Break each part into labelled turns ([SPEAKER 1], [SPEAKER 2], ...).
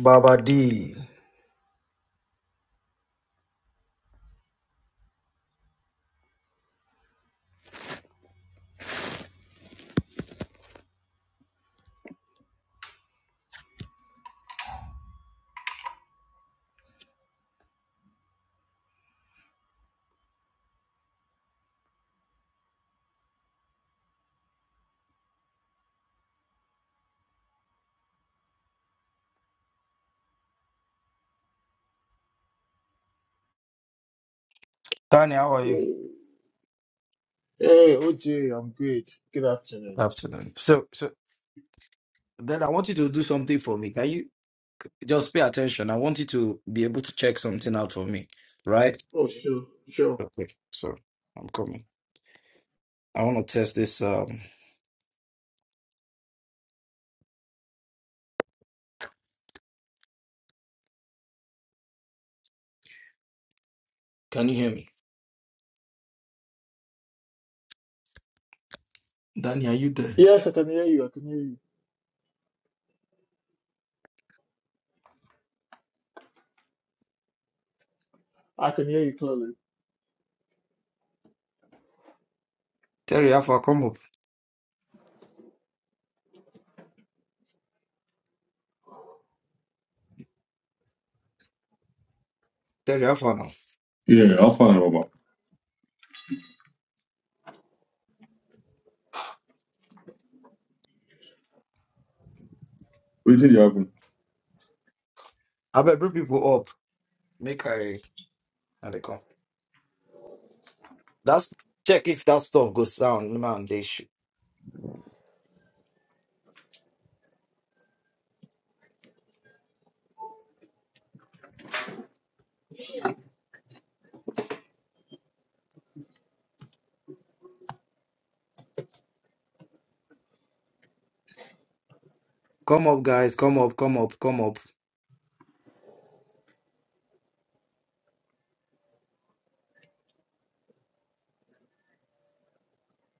[SPEAKER 1] Baba D. Tani, how are you?
[SPEAKER 2] Hey, OJ, I'm good. Good
[SPEAKER 1] Good
[SPEAKER 2] afternoon.
[SPEAKER 1] afternoon. So, so then I want you to do something for me. Can you just pay attention? I want you to be able to check something out for me, right?
[SPEAKER 2] Oh, sure, sure.
[SPEAKER 1] Okay, so I'm coming. I want to test this. Um, Can you hear me? Danny, are you there?
[SPEAKER 2] Yes, I can hear you. I can hear you. I can hear you clearly.
[SPEAKER 1] Terry Alpha, come up. Terry Alpha now.
[SPEAKER 3] Yeah, I'll find out about. Wait till you happen.
[SPEAKER 1] I better bring people up. Make I and they come. That's check if that stuff goes down, man. They should come up, guys. Come up, come up, come up.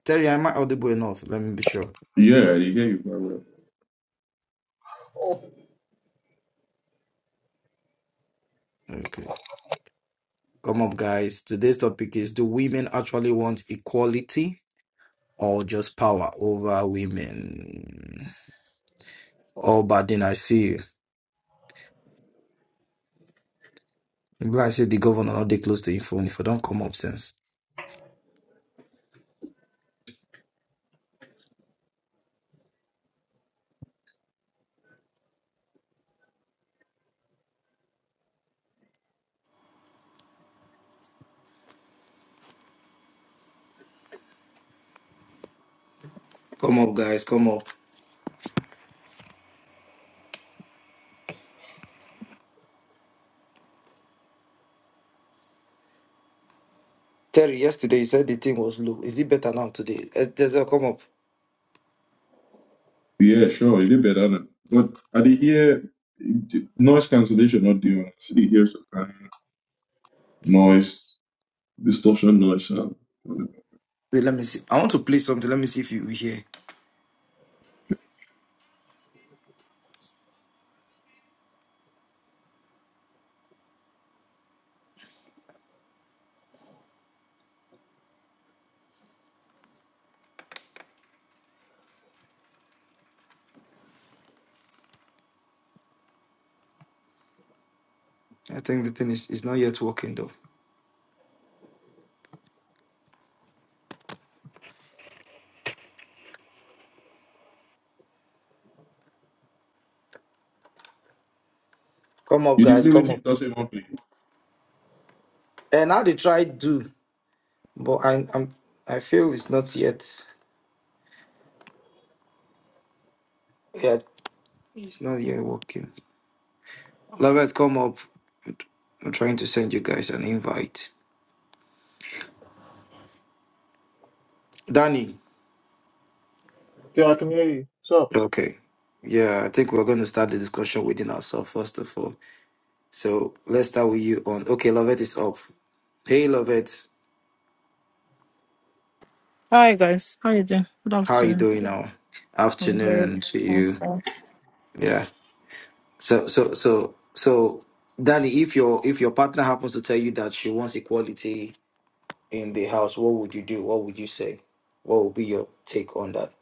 [SPEAKER 1] Terry, am I audible enough? Let me be sure.
[SPEAKER 3] Yeah, I did hear you very well.
[SPEAKER 1] Okay. Come up, guys. Today's topic is Do women actually want equality or just power over women? Oh, but then I see you. Like I said, the governor not they close to your phone if I don't come up Sense. Come up, guys. Come up. Terry, yesterday you said the thing was low. Is it better now today? There's come up.
[SPEAKER 3] Yeah, sure, you did better than. But I did hear noise cancellation not doing. I still hear some kind of noise distortion noise. Um,
[SPEAKER 1] Wait, let me see. I want to play something. Let me see if you hear. I think the thing is, is not yet working though. Come up,
[SPEAKER 3] you did
[SPEAKER 1] guys.
[SPEAKER 3] play with
[SPEAKER 1] Come up.
[SPEAKER 3] it doesn't even play.
[SPEAKER 1] And now they try do, but I, I'm I feel it's not yet. Yeah, it's not yet working. Lovett, come up. I'm trying to send you guys an invite. Danny.
[SPEAKER 2] Yeah, I can hear you. So,
[SPEAKER 1] Okay. Yeah, I think we're going to start the discussion within ourselves first of all. So let's start with you on. Okay, Lovett is up. Hey, Lovett,
[SPEAKER 4] Hi guys, how you doing? Good
[SPEAKER 1] how are you
[SPEAKER 4] afternoon.
[SPEAKER 1] doing now?
[SPEAKER 4] I'm very
[SPEAKER 1] Afternoon to you.
[SPEAKER 4] fine.
[SPEAKER 1] Yeah. So so so so, Danny, if your if your partner happens to tell you that she wants equality in the house, what would you do? What would you say? What would be your take on that?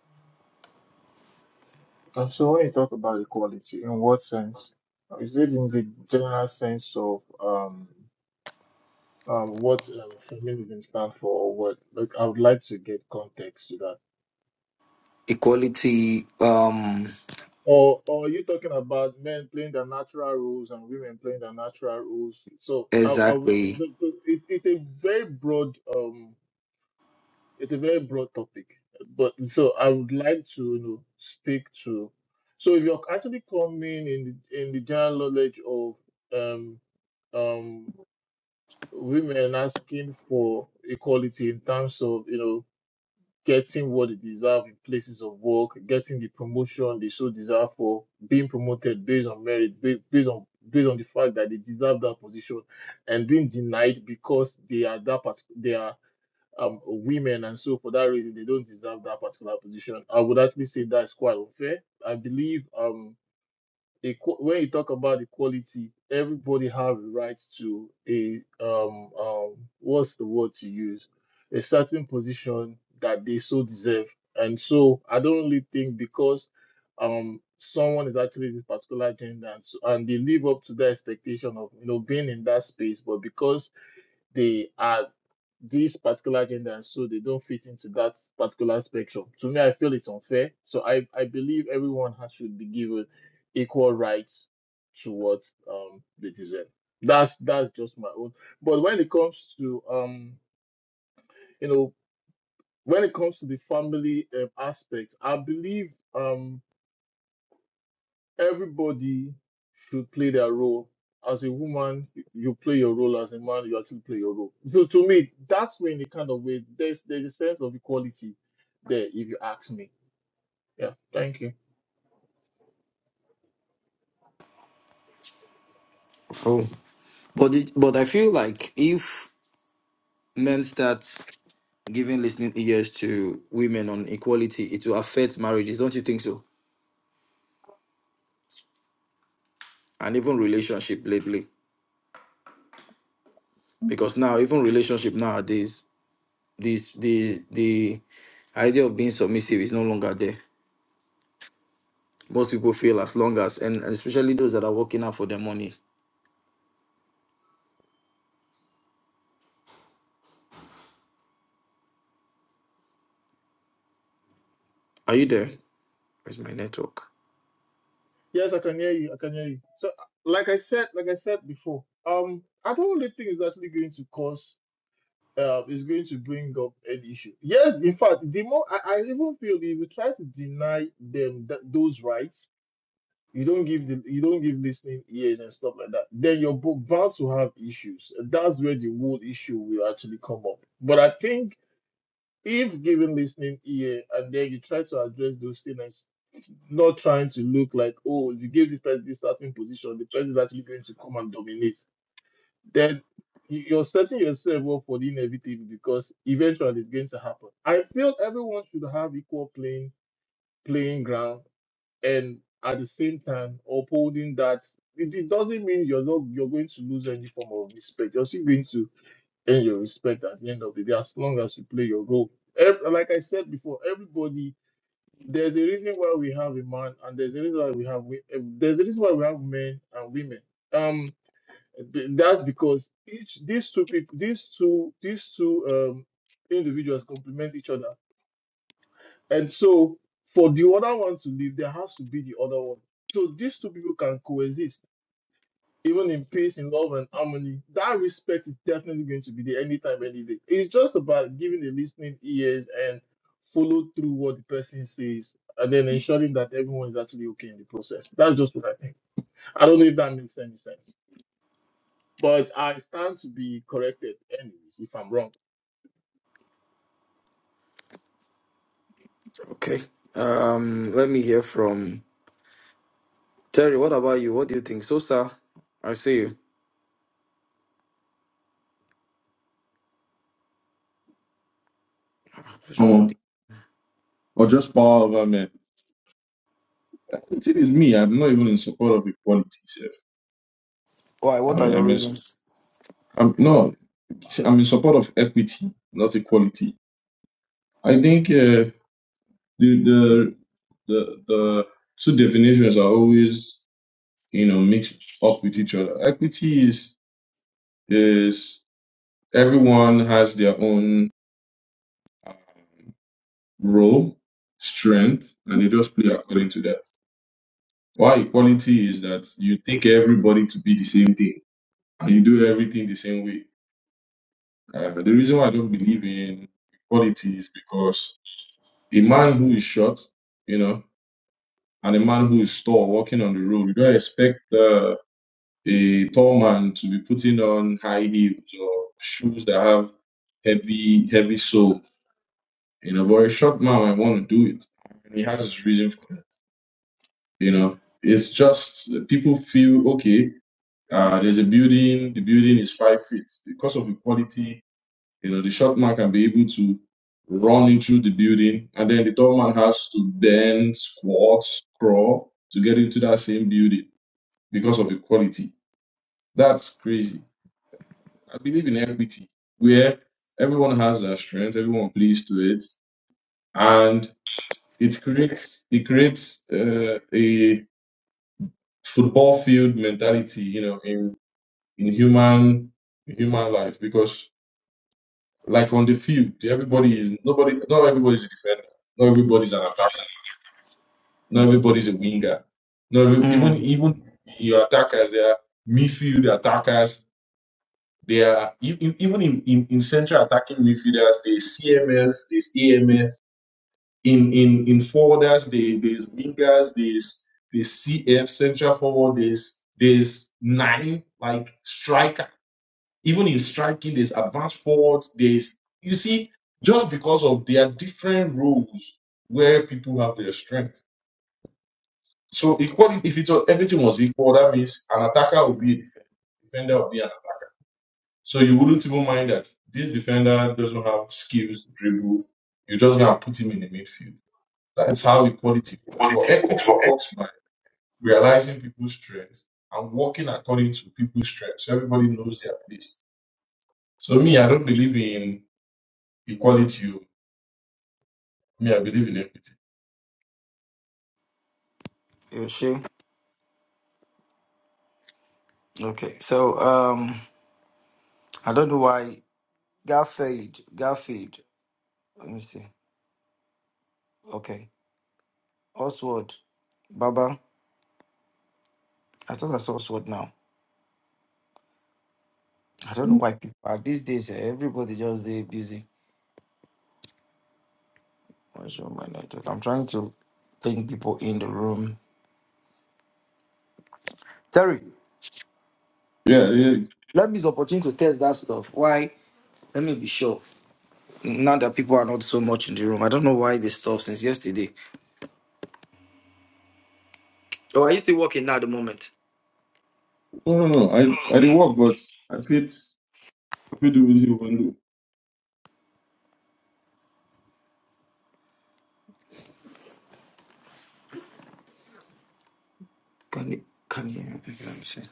[SPEAKER 2] uh, so when you talk about equality, in what sense? Is it in the general sense of um, um, what um, feminism stands for, or what? Like, I would like to get context to that.
[SPEAKER 1] Equality. Um.
[SPEAKER 2] Or, or are you talking about men playing their natural roles and women playing their natural roles? So, I, I would,
[SPEAKER 1] Exactly.
[SPEAKER 2] but- so it's it's a very broad um. it's a very broad topic, but so I would like to you know, speak to. So if you're actually coming in the, in the general knowledge of um um women asking for equality in terms of you know getting what they deserve in places of work, getting the promotion they so deserve for, being promoted based on merit, based, based on based on the fact that they deserve that position, and being denied because they are that part um, women, and so for that reason, they don't deserve that particular position. I would actually say that's quite unfair. I believe um, equ- when you talk about equality, everybody have a right to a um, um, what's the word to use, a certain position that they so deserve. And so I don't really think because um someone is actually this particular gender and, so, and they live up to the expectation of you know being in that space, but because they are this particular gender and so they don't fit into that particular spectrum. To me, I feel it's unfair. So I, I believe everyone has should be given equal rights to what um they deserve. That's that's just my own. But when it comes to um you know when it comes to the family um, aspect, I believe um everybody should play their role. As a woman, you play your role. As a man, you actually play your role. So to me, that's when the kind of way there's there's a sense of equality there, if you ask me. Yeah, thank you.
[SPEAKER 1] But it, but I feel like if men start giving listening ears to women on equality, it will affect marriages, don't you think so? And even relationship lately, because now even relationship nowadays, this the the idea of being submissive is no longer there. Most people feel as long as and, and especially those that are working out for their money. Are you there? Where's my network?
[SPEAKER 2] Yes, I can hear you. I can hear you. So, like I said, like I said before, um, I don't really think it's actually going to cause. Uh, is going to bring up an issue. Yes, in fact, the more I, I even feel if you try to deny them that, those rights, you don't give the you don't give listening ears and stuff like that, then your book bound to have issues. And that's where the whole issue will actually come up. But I think if given listening ear and then you try to address those things, and not trying to look like oh if you give this person this starting position, the person is actually going to come and dominate. Then you- you're setting yourself up for the inevitable because eventually it's going to happen. I feel everyone should have equal playing playing ground and at the same time upholding that it, it doesn't mean you're not you're going to lose any form of respect. You're still going to earn your respect at the end of the day as long as you play your role. Ev- like I said before, everybody there's a reason why we have a man and there's a reason why we have wo- eh, there's a reason why we have men and women. Um, th- that's because each these two people these two these two um individuals complement each other and so for the other one to live, there has to be the other one. So these two people can coexist, even in peace, in love, and harmony. That respect is definitely going to be there anytime, any day. It's just about giving the listening ears and follow through what the person says, and then ensuring that everyone is actually okay in the process. That's just what I think. I don't know if that makes any sense, but I stand to be corrected, anyways, if I'm wrong.
[SPEAKER 1] Okay. Um. Let me hear from Terry. What about you? What do you think? So, sir, I see you. Ah, What's wrong?
[SPEAKER 3] Um, or just power over man. The thing is, me, I'm not even in support of equality. Sef.
[SPEAKER 1] Why?
[SPEAKER 3] I
[SPEAKER 1] What are
[SPEAKER 3] mean,
[SPEAKER 1] your
[SPEAKER 3] I'm, in, su-
[SPEAKER 1] reasons?
[SPEAKER 3] I'm no, I'm in support of equity, not equality. I think uh, the the the the two definitions are always you know mix up with each other. Equity is is everyone has their own um, role, strength, and they just play according to that. Why equality is that you take everybody to be the same thing and you do everything the same way. Uh, the reason why I don't believe in equality is because a man who is short, you know, and a man who is tall walking on the road, you don't expect uh, a tall man to be putting on high heels or shoes that have heavy, heavy sole. You know, but a short man might want to do it, and he has his reason for that. You know, it's just that people feel okay. Uh, there's a building. The building is five feet because of equality. You know, the short man can be able to run into the building, and then the tall man has to bend, squat, crawl to get into that same building because of equality. That's crazy I believe in equity, where everyone has their strength, everyone plays to it, and it creates it creates uh, a football field mentality, you know, in in human in human life because like on the field, everybody is nobody, not everybody's a defender, not everybody's an attacker, not everybody's a winger, not every- even
[SPEAKER 1] Mm.
[SPEAKER 3] even your attackers, they are midfield attackers, They are e- e- even in, in, in central attacking midfielders, there's CMF, there's AMF. In in in forwarders, there, there's wingers, there's there's CF central forward, there's there's nine like striker. Even in striking, there's advanced forwards. There's you see just because of their different roles where people have their strength. So equality, if it's everything was equal, that means an attacker will be a defender, defender will be an attacker. So you wouldn't even mind that this defender doesn't have skills, dribble. you just gonna put him in the midfield. That's how equality works. Well,
[SPEAKER 1] Quality
[SPEAKER 3] equity
[SPEAKER 1] for
[SPEAKER 3] works by realizing people's strengths and working according to people's strengths. So everybody knows their place. So me, I don't believe in equality. oh. Me, I believe in equity.
[SPEAKER 1] You sure? Okay. So um, I don't know why Garfield. Garfield. Let me see. Okay. Oswald. Baba. I thought I saw Oswald now. I don't know why people are these days. eh, Everybody just they busy. What's wrong with my network? I'm trying to bring people in the room. Terry,
[SPEAKER 3] Yeah, yeah.
[SPEAKER 1] let me use opportunity to test that stuff. Why? Let me be sure. Now that people are not so much in the room, I don't know why this stuff since yesterday. Oh, are you still working now at the moment?
[SPEAKER 3] No, no, no. I, I did work, but I fit, I fit do with you one day.
[SPEAKER 1] Can you can you Okay, let me see.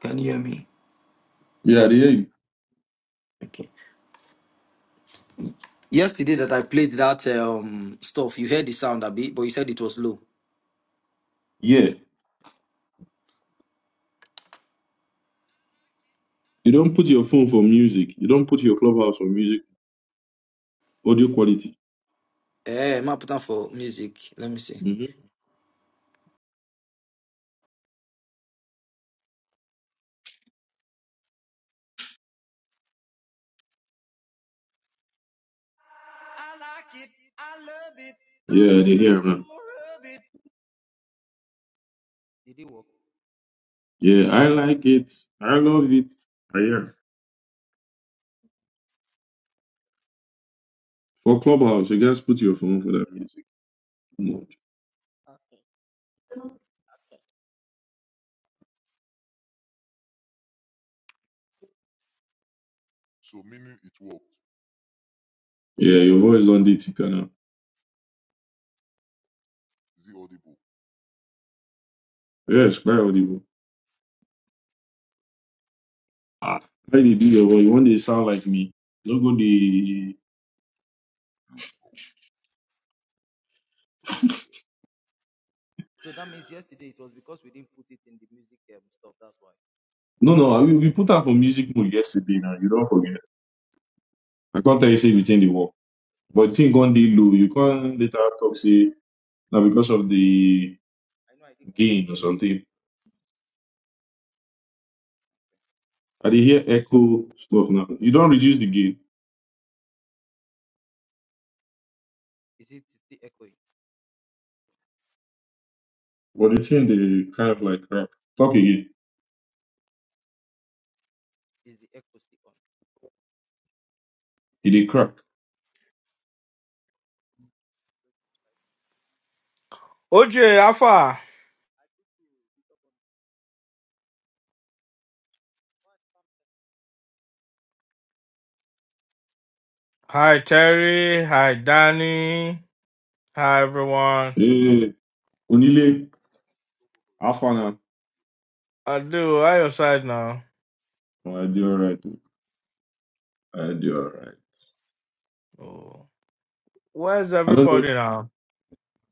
[SPEAKER 1] Can you hear me?
[SPEAKER 3] Yeah, I dey hear you.
[SPEAKER 1] Okay. Yesterday that I played that um stuff, you heard the sound a bit, but you said it was low.
[SPEAKER 3] Yeah. You don't put your phone for music. You don't put your clubhouse for music. Audio quality.
[SPEAKER 1] Eh, am put on for music? Let me see. I like it. I love it.
[SPEAKER 3] Yeah, they hear, man.
[SPEAKER 1] More of it. Did it work?
[SPEAKER 3] Yeah, I like it. I love it. I hear. For Clubhouse, you guys put your phone for that music. Come on. Yeah, your voice on the ticker now. Yes, very audible. Ah, how they do your voice? One day sound like me. Don't go the.
[SPEAKER 1] So that means yesterday it was because we didn't put it in the music um, stuff. That's why.
[SPEAKER 3] No, no, I- we, we put out for music mode yesterday now. You don't forget. I can't tell you say within the work. But thing gone day low. You can't later talk say now because of the gain or something. I they hear echo stuff now. You don't reduce the gain.
[SPEAKER 1] Wait,
[SPEAKER 3] But the thing they kind of like crack. Talk again. It they crack.
[SPEAKER 5] OJ Alpha. Hi Terry. Hi Danny. Hi everyone.
[SPEAKER 3] Hey, Unile, half an hour.
[SPEAKER 5] I do. I your side now.
[SPEAKER 3] Oh, I do alright. oh, I do alright.
[SPEAKER 5] Oh. Where's
[SPEAKER 3] I don't know.
[SPEAKER 5] everybody now?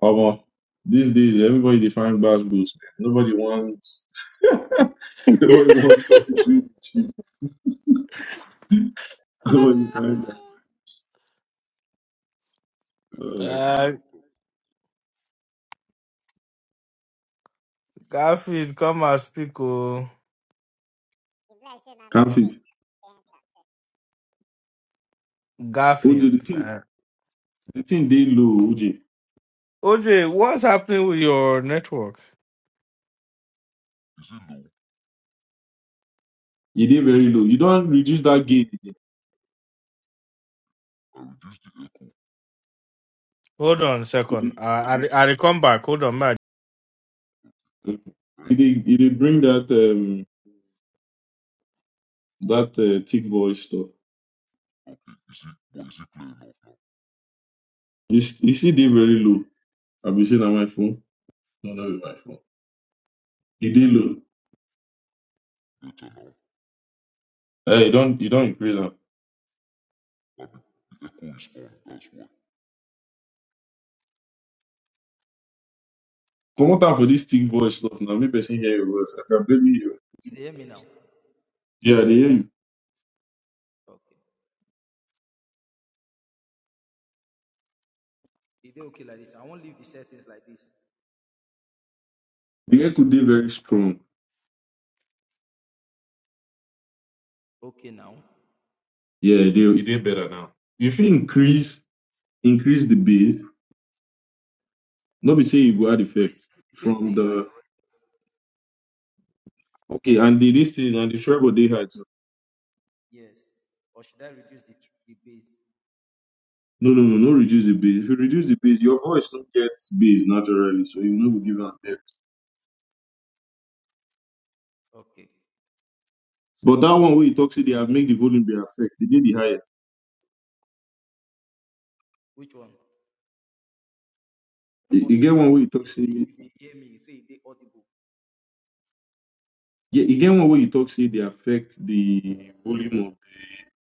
[SPEAKER 3] Omo, these days everybody they find bad books, man. Nobody wants nobody wants topic between. you. Nobody find that. Uh
[SPEAKER 5] Uh, Garfield, come and speak. Oh,
[SPEAKER 3] can't fit. OJ, the
[SPEAKER 5] Garfield.
[SPEAKER 3] thing
[SPEAKER 5] Uh,
[SPEAKER 3] the thing they low, OJ.
[SPEAKER 5] OJ, what's happening with your network?
[SPEAKER 3] It they very low. You don't reduce that gain again.
[SPEAKER 5] Hold on a
[SPEAKER 3] It
[SPEAKER 5] second. I I I will come back. Hold on,
[SPEAKER 3] they it they it they bring that um that uh, thick voice stuff. It's it's still they very low. I be saying on my phone. No, no, be my phone. You did low. Hey, you don't you don't increase them. Come on time for this thick voice stuff now. Me person hear your voice. I can barely hear.
[SPEAKER 1] can
[SPEAKER 3] you.
[SPEAKER 1] you hear me now?
[SPEAKER 3] Yeah, they hear you.
[SPEAKER 1] Okay. Is it okay like this? I won't leave the settings like this.
[SPEAKER 3] The echo they very strong.
[SPEAKER 1] Okay now.
[SPEAKER 3] Yeah, they it did better now. If you fit increase increase the bass, not be say you go add effect
[SPEAKER 1] The page
[SPEAKER 3] from
[SPEAKER 1] is high
[SPEAKER 3] the
[SPEAKER 1] already.
[SPEAKER 3] okay and the this thing and the treble they had too. No, no, no, no, reduce the bass. If you reduce the bass, your voice don't get bass naturally, so you know we give an depth. But that one where you talk, say they have make the volume be affect. It did the highest.
[SPEAKER 1] Which one?
[SPEAKER 3] You, you
[SPEAKER 1] But
[SPEAKER 3] get
[SPEAKER 1] I
[SPEAKER 3] one way you
[SPEAKER 1] want.
[SPEAKER 3] talk see. Yeah, you get one way you talk see. They affect the volume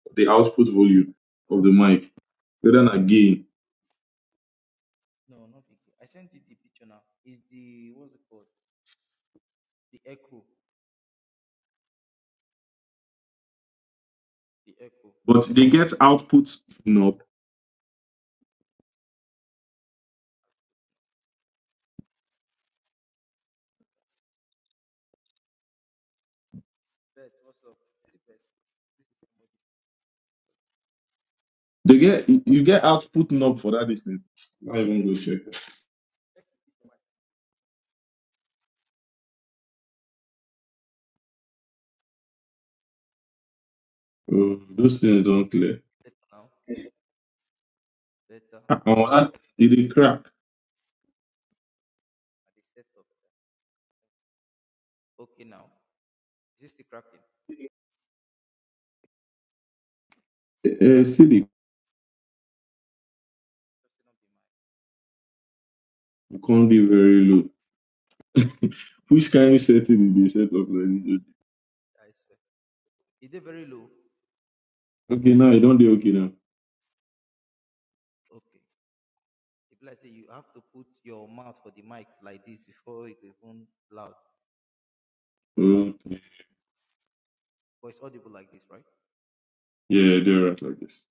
[SPEAKER 3] of the output volume of the mic. Whether not gain, but they get output knob. They get you you get output knob for that this thing. I even go check. Oh, those things don't clear. Ah, On that, it dey crack. Uh, see the can't be very low. Which kind of setting did they set up like this? Okay, now you don't do okay now. Okay. Yeah, they're right like this.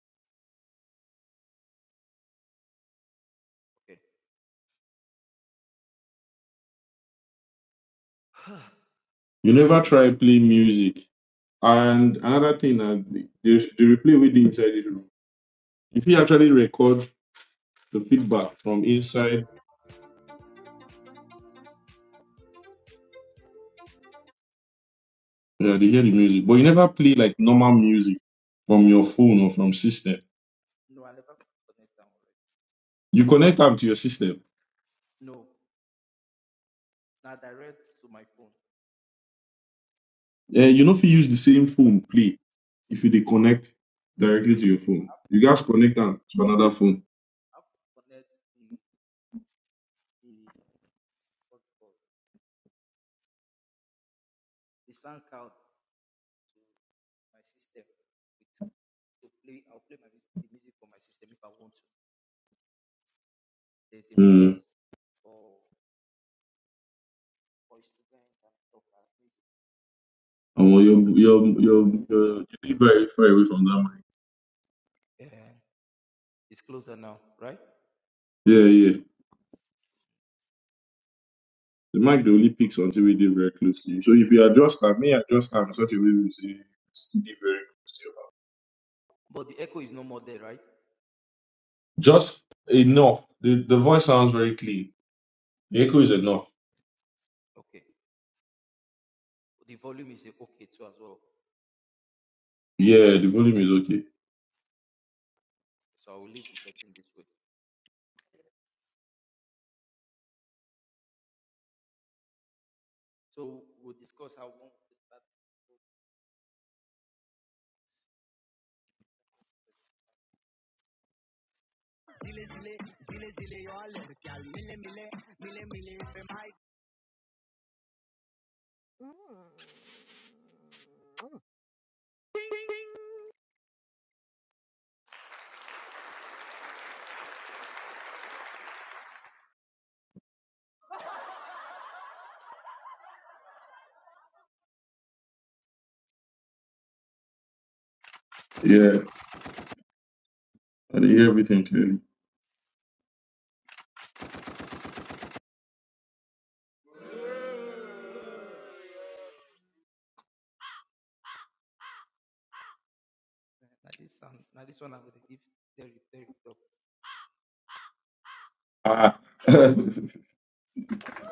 [SPEAKER 3] You never try play music. And another thing, uh, the, the the replay we do inside the room, if you actually record the feedback from inside, uh, they hear the music, but you never play like normal music from your phone or from system. You connect up to your system. Uh, you know if you use the same phone play if you dey connect directly to your phone. You guys connect am to another phone. Uh, omo, your your your your you dey very far away from that mic. Yeah, yeah. The mic the only picks something wey dey very close to you. So if you adjust am, may adjust am in such a way we say it's still dey very close to your mouth. Just enough. The the voice sounds very clean. The echo is enough. Yeah, the volume is okay. Yeah, I dey hear everything clearly. Ah,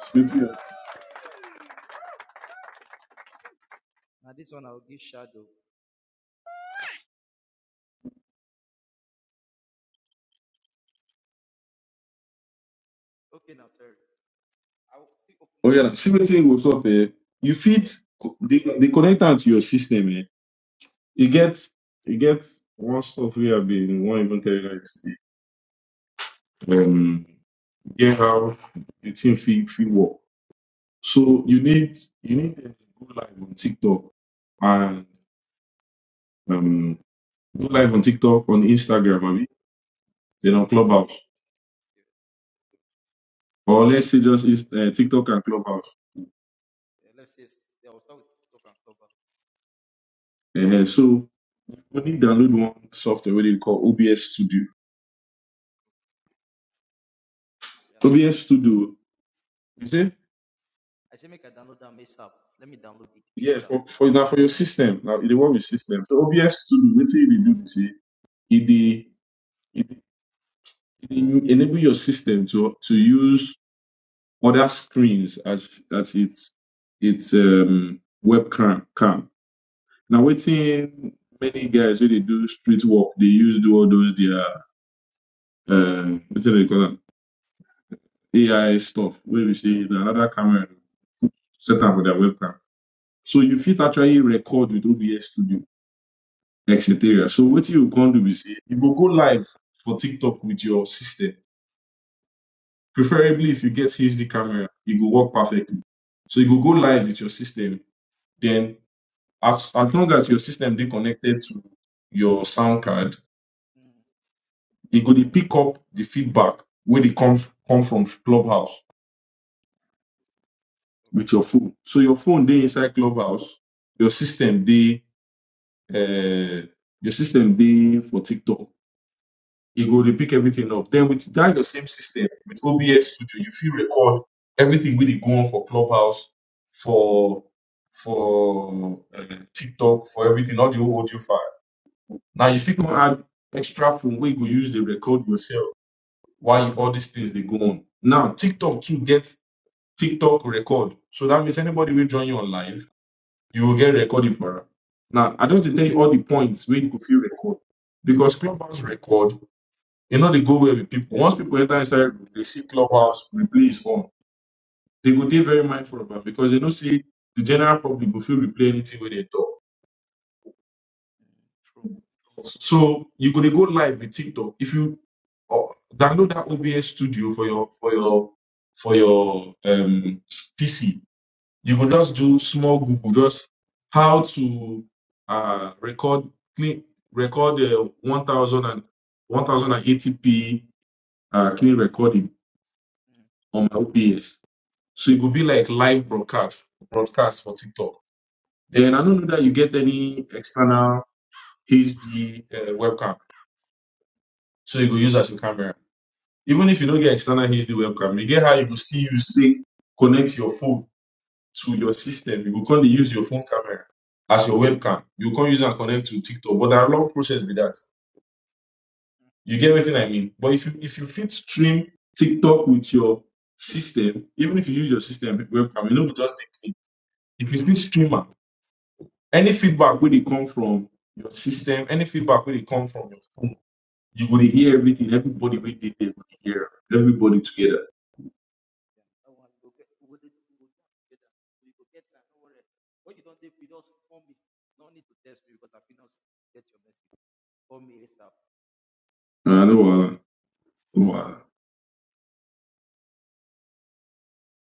[SPEAKER 3] sweet. Yeah. Oh yeah, see wetin goes up eh. You fit the the connect am to your system eh. E get e get one stuff wey I been wan even tell you guys. Um, get how the thing fit fit work. So you need you need them to go live on TikTok and um, go live on TikTok on Instagram, maybe then on Clubhouse, or let's say just Inst- uh, TikTok and Clubhouse. uh So you need download one software what they call OBS Studio. OBS Studio, you see? Yeah, for, for now for your system. Now it dey work with system. So OBS Studio, what you do, you see, it dey it dey- it dey enable your system to to use other screens as as its its um, webcam. Cam. Now, waiting many guys when they do street work, they use do all those their uh, what's they call them AI stuff. Where we see another camera set up with their webcam, so you fit actually record with OBS Studio, etc. So what you can do is you go go live for TikTok with your system. Preferably, if you get HD camera, it will work perfectly. So you go go live with your system, then as as long as your system be connected to your sound card, it go dey pick up the feedback where dey come f- come from Clubhouse with your phone. So your phone they inside Clubhouse, your system they uh, your system they for TikTok. It go dey pick everything up. Then with that your same system with OBS Studio, you feel record everything really go on for Clubhouse for for uh, TikTok for everything, all the whole audio file Now you fit wan add extra phone wey you go use dey record yourself while you, all these things dey go on. Now TikTok too get TikTok record, so that means anybody wey join you on live, you go get recording for am. Now I just dey tell you all the points wey you go fit record because Clubhouse record e no dey go well with people. Once people enter inside room, they see Clubhouse replay is on. They go dey very mindful of am because they know say the general public go fit replay anything wey they talk. So you're gonna go live with TikTok. If you uh, download that OBS Studio for your for your for your um, PC, you go just do small Google, just how to uh, record clean record uh, one thousand and one thousand and eighty p uh, clean recording on my OBS. So it will be like live broadcast broadcast for TikTok. Then I don't know that you get any external HD uh, webcam, so you go use as your camera. Even if you don't get external HD webcam, you get how you will still use take connect your phone to your system. You go can't use your phone camera as your webcam. You can't use and connect to TikTok. But that long process with that. You get everything I mean. But if you if you fit stream TikTok with your system, even if you use your system webcam, you know just take it. If you fit streamer, any feedback where they come from your system, any feedback where they come from your phone, you will hear everything. Everybody will hear, everybody together. I know. Uh,